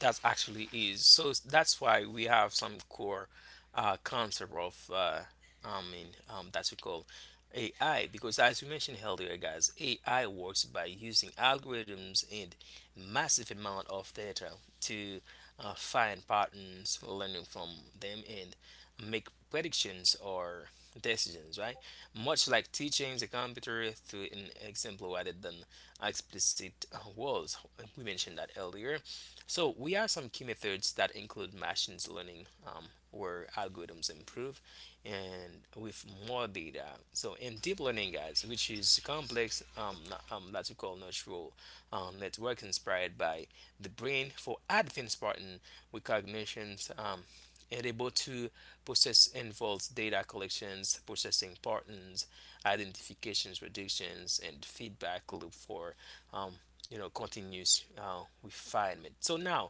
A: That actually is. So that's why we have some core concept of, that's we call AI, because as we mentioned earlier, guys, AI works by using algorithms and massive amount of data to, find patterns, learning from them, and make predictions or decisions, right? Much like teaching the computer through an example rather than explicit words. We mentioned that earlier. So we have some key methods that include machine learning, where algorithms improve and with more data. So in deep learning, guys, which is complex, that we call neural, network inspired by the brain for advanced pattern recognitions. And able to process involves data collections, processing patterns, identifications, predictions, and feedback loop for, um, you know, continues refinement. So now,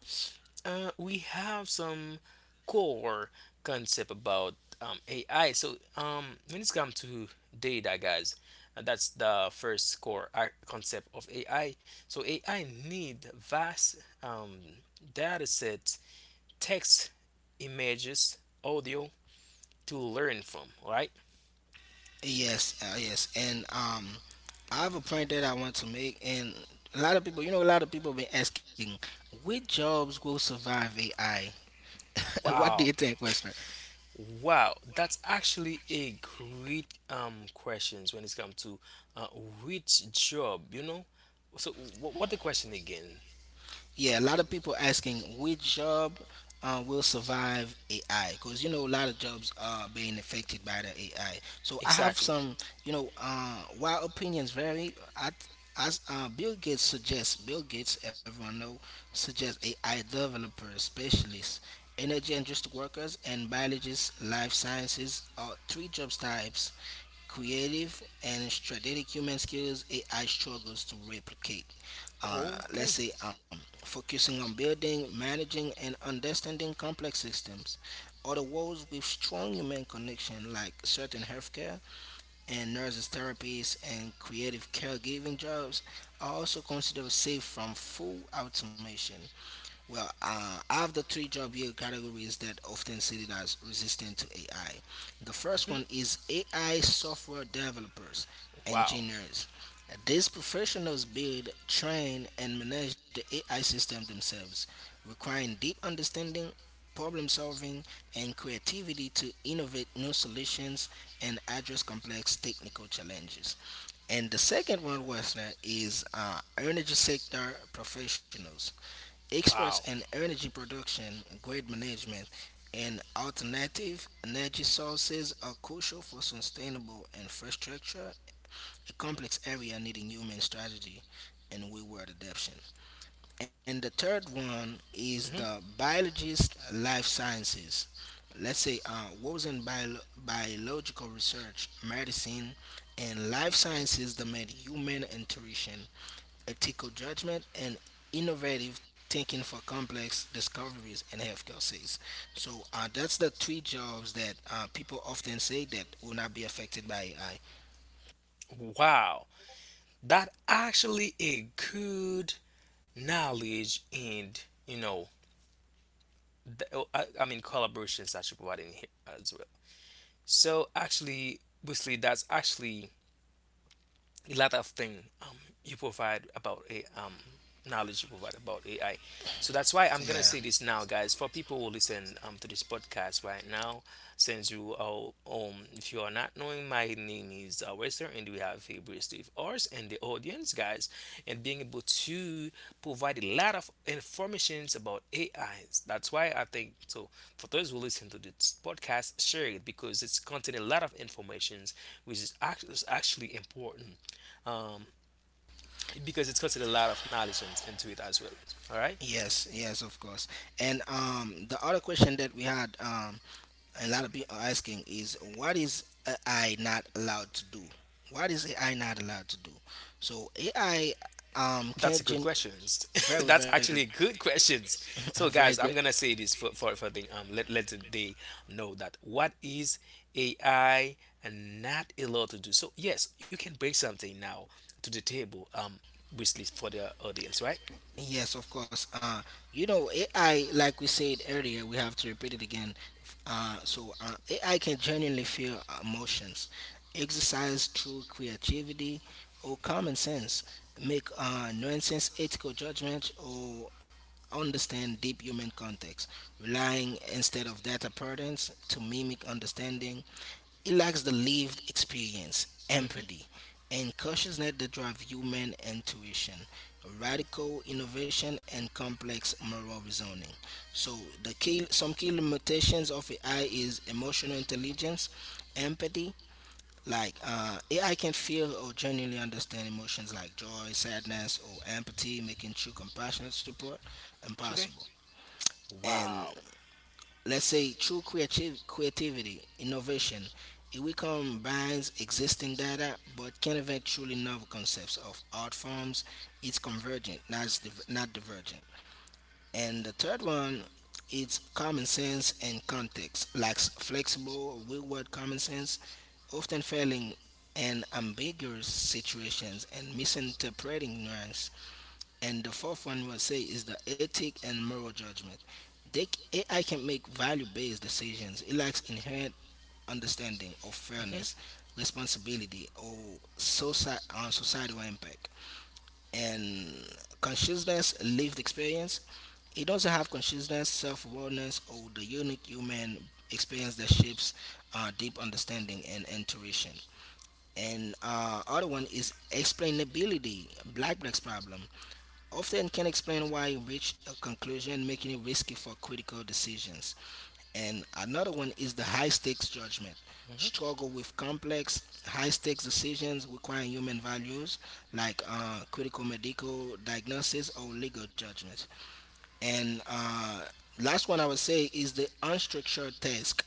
A: we have some core concept about, AI. So, when it's come to data, guys, that's the first core concept of AI. So AI need vast, um, data sets, text, images, audio, to learn from, right?
B: Yes, yes, and I have a point that I want to make, and a lot of people, you know, a lot of people been asking, which jobs will survive AI? What do
A: Wow.
B: you think, Western?
A: Wow, that's actually a great questions when it's come to, uh, which job, you know? So what the question again?
B: Yeah, a lot of people asking which job will survive AI because you know a lot of jobs are being affected by the AI. So I have
A: Exactly.
B: some, you know, While opinions vary, as Bill Gates suggests, Bill Gates, everyone know, suggests AI developers, specialists, energy industry workers, and biologists, life sciences are three job types creative and strategic human skills AI struggles to replicate,
A: Okay.
B: let's say focusing on building, managing, and understanding complex systems. Or the roles with strong human connection, like certain healthcare and nurses, therapists, and creative caregiving jobs, are also considered safe from full automation. Well, I have the three job year categories that often cited as resistant to AI. The first
A: Mhm.
B: one is AI software developers,
A: Wow.
B: engineers. These professionals build, train, and manage the AI system themselves, requiring deep understanding, problem solving, and creativity to innovate new solutions and address complex technical challenges. And the second one was is energy sector professionals. Experts
A: Wow.
B: in energy production, grid management, and alternative energy sources are crucial for sustainable infrastructure, a complex area needing human strategy and wayward adaptation. And the third one is the
A: Mhm.
B: biologist life sciences. Let's say what was in biological research, medicine, and life sciences that made human intuition ethical judgment, and innovative thinking for complex discoveries in healthcare sales. So that's the three jobs that people often say that will not be affected by AI.
A: Wow. That actually a good knowledge, and you know, I mean collaborations that you're providing here as well. So actually basically that's actually a lot of thing, um, you provide about a, knowledge you provide about AI. So that's why I'm gonna
B: Yeah.
A: say this now, guys. For people who listen, to this podcast right now, since you are, if you are not knowing, my name is, Western, and we have a brief Steve ours and the audience, guys, and being able to provide a lot of informations about AIs. That's why I think so. For those who listen to this podcast, share it because it's contain a lot of informations which is is actually important, um, because it's got a lot of knowledge on, into it as well. All right,
B: Yes, yes, of course. And the other question that we had, a lot of people are asking is, what is AI not allowed to do? What is AI not allowed to do? So AI um,
A: that's a
B: can
A: good
B: gen-
A: questions.
B: Very
A: That's
B: very good.
A: actually good questions. So
B: Very
A: guys,
B: good.
A: I'm gonna say this for for the let let they know that what is AI and not allowed to do. So yes, you can bring something now to the table, um, which is for the audience, right?
B: Yes, of course. You know, AI, like we said earlier, we have to repeat it again. AI can genuinely feel emotions, exercise through creativity or common sense, make nonsense ethical judgment or understand deep human context, relying instead of data patterns to mimic understanding. It lacks the lived experience,
A: Mhm.
B: empathy, and cautiousness that drive human intuition radical innovation and complex moral reasoning. So the key, some key limitations of AI is emotional intelligence, empathy. Like AI can feel or genuinely understand emotions like joy, sadness, or empathy, making true compassionate support
A: Okay.
B: impossible. And
A: Wow.
B: let's say true creativity, innovation. It we combines existing data but can invent truly novel concepts of art forms. It's convergent, not divergent. And the third one, it's common sense and context, lacks flexible, real world common sense, often failing in ambiguous situations and misinterpreting nuance. And the fourth one we'll say is the ethic and moral judgment. They, AI can make value based decisions. It lacks inherent understanding of
A: Hmm.
B: fairness, responsibility, or societal impact. And consciousness, lived experience. It doesn't have consciousness, self awareness, or the unique human experience that shapes deep understanding and intuition. And other one is explainability, black box problem, often can explain why you reach a conclusion, making it risky for critical decisions. And another one is the high stakes judgment.
A: Hmm.
B: Struggle with complex, high stakes decisions requiring human values like critical medical diagnosis or legal judgment. And last one I would say is the unstructured task,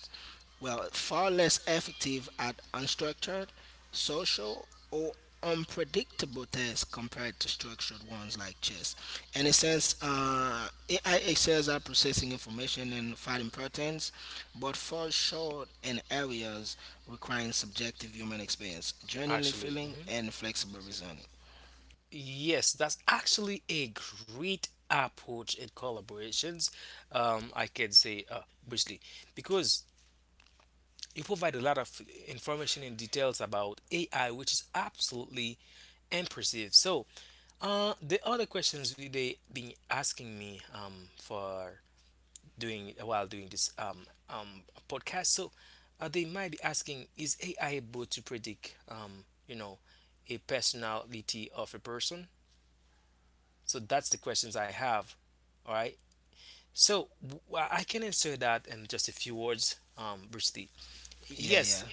B: well, far less effective at unstructured, social, or unpredictable tasks compared to structured ones like chess. In a sense, AI excels at processing information and finding patterns, but falls short in areas requiring subjective human experience, genuinely
A: Actually,
B: feeling,
A: hmm,
B: and flexible reasoning.
A: yes, that's actually a great approach in collaborations. I can say, briefly, because you provide a lot of information and details about AI, which is absolutely impressive. So, the other questions they been asking me for doing while doing this, um, podcast. So, they might be asking, is AI able to predict, you know, a personality of a person? So that's the questions I have. All right. So I can answer that in just a few words, Bruce.
B: Yeah, yeah.
A: Yes,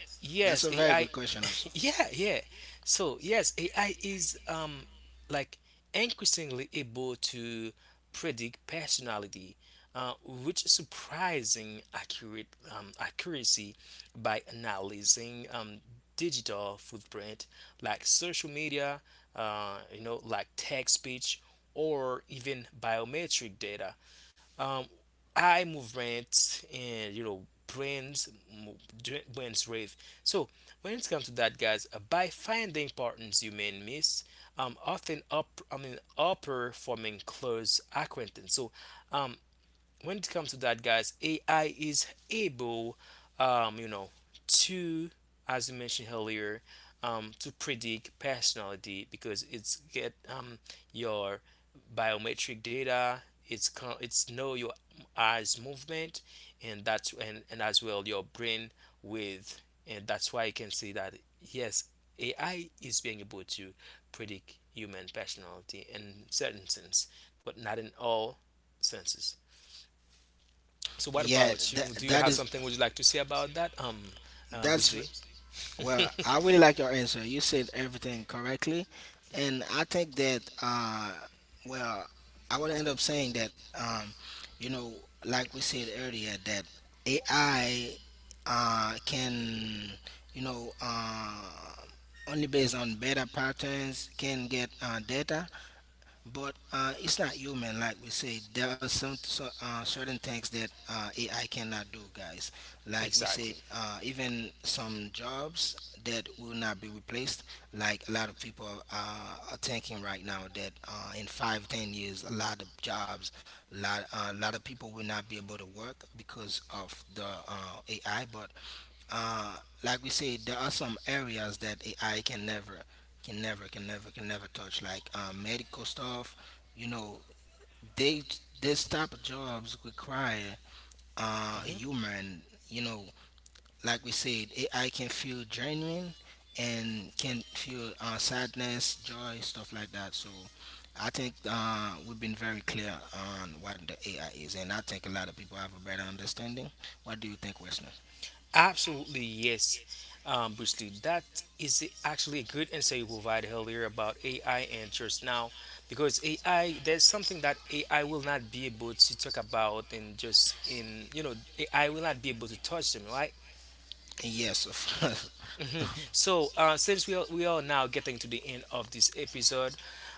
B: That's
A: yes,
B: a very
A: AI.
B: good question, also.
A: Yeah, yeah. So, yes, AI is, um, like, increasingly able to predict personality, with surprising accurate accuracy by analyzing, digital footprint like social media, you know, like text speech or even biometric data, um, eye movement, and you know, brains mo- brains rave. So when it comes to that, guys, by finding partners you may miss, um, often up, I mean upper forming close acquaintance. So, um, when it comes to that, guys, AI is able, um, you know, to, as you mentioned earlier, um, to predict personality because it's get, um, your biometric data. It's it's know your eyes movement, and that's, and as well your brain with. And that's why I can say that yes, AI is being able to predict human personality in certain sense but not in all senses. So what
B: Yeah,
A: about you?
B: that,
A: Do you
B: that
A: have
B: is
A: something would you like to say about that,
B: that's
A: Wesley?
B: Well, I really like your answer. You said everything correctly, and I think that well, I would end up saying that you know, like we said earlier, that AI can you know only based on better patterns can get data, but it's not human, like we say there are some so, certain things that AI cannot do guys, like we said
A: Exactly.
B: even some jobs that will not be replaced, like a lot of people are thinking right now that in 5 10 years a lot of jobs a lot of people will not be able to work because of the AI. But uh, like we said, there are some areas that AI can never can never touch like medical stuff, you know, they this type of jobs require
A: Hmm.
B: human, you know, like we said AI can feel genuine and can feel sadness joy stuff like that. So I think we've been very clear on what the AI is and I think a lot of people have a better understanding. What do you think Wesley?
A: Absolutely, yes. Bruce Lee, that is actually a good answer you provided earlier about AI and just now, because AI, there's something that AI will not be able to talk about and just in, you know, AI will not be able to touch them, right?
B: Yes, of course.
A: Mhm. So, since we are now getting to the end of this episode,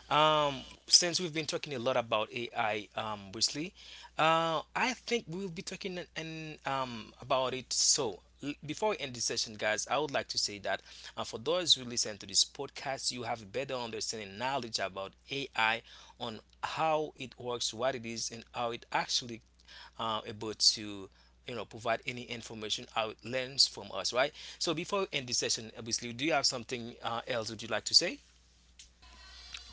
A: since we've been talking a lot about AI, Wesley, I think we'll be talking and about it. So, before we end this session, guys, I would like to say that, for those who listen to this podcast, you have a better understanding knowledge about AI on how it works, what it is, and how it actually, able to, you know, provide any information out learns from us, right? So before we end this session, obviously, do you have something, else would you like to say?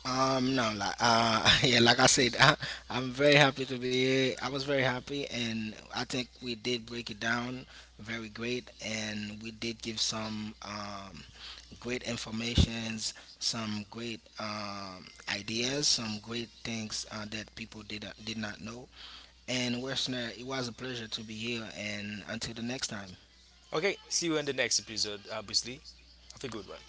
B: No, like, I'm very happy to be here. I was very happy, and I think we did break it down very great, and we did give some great informations, some great ideas, some great things that people did not know. And Westner, it was a pleasure to be here, and until the next time.
A: Okay, see you in the next episode. Obviously, have a good one.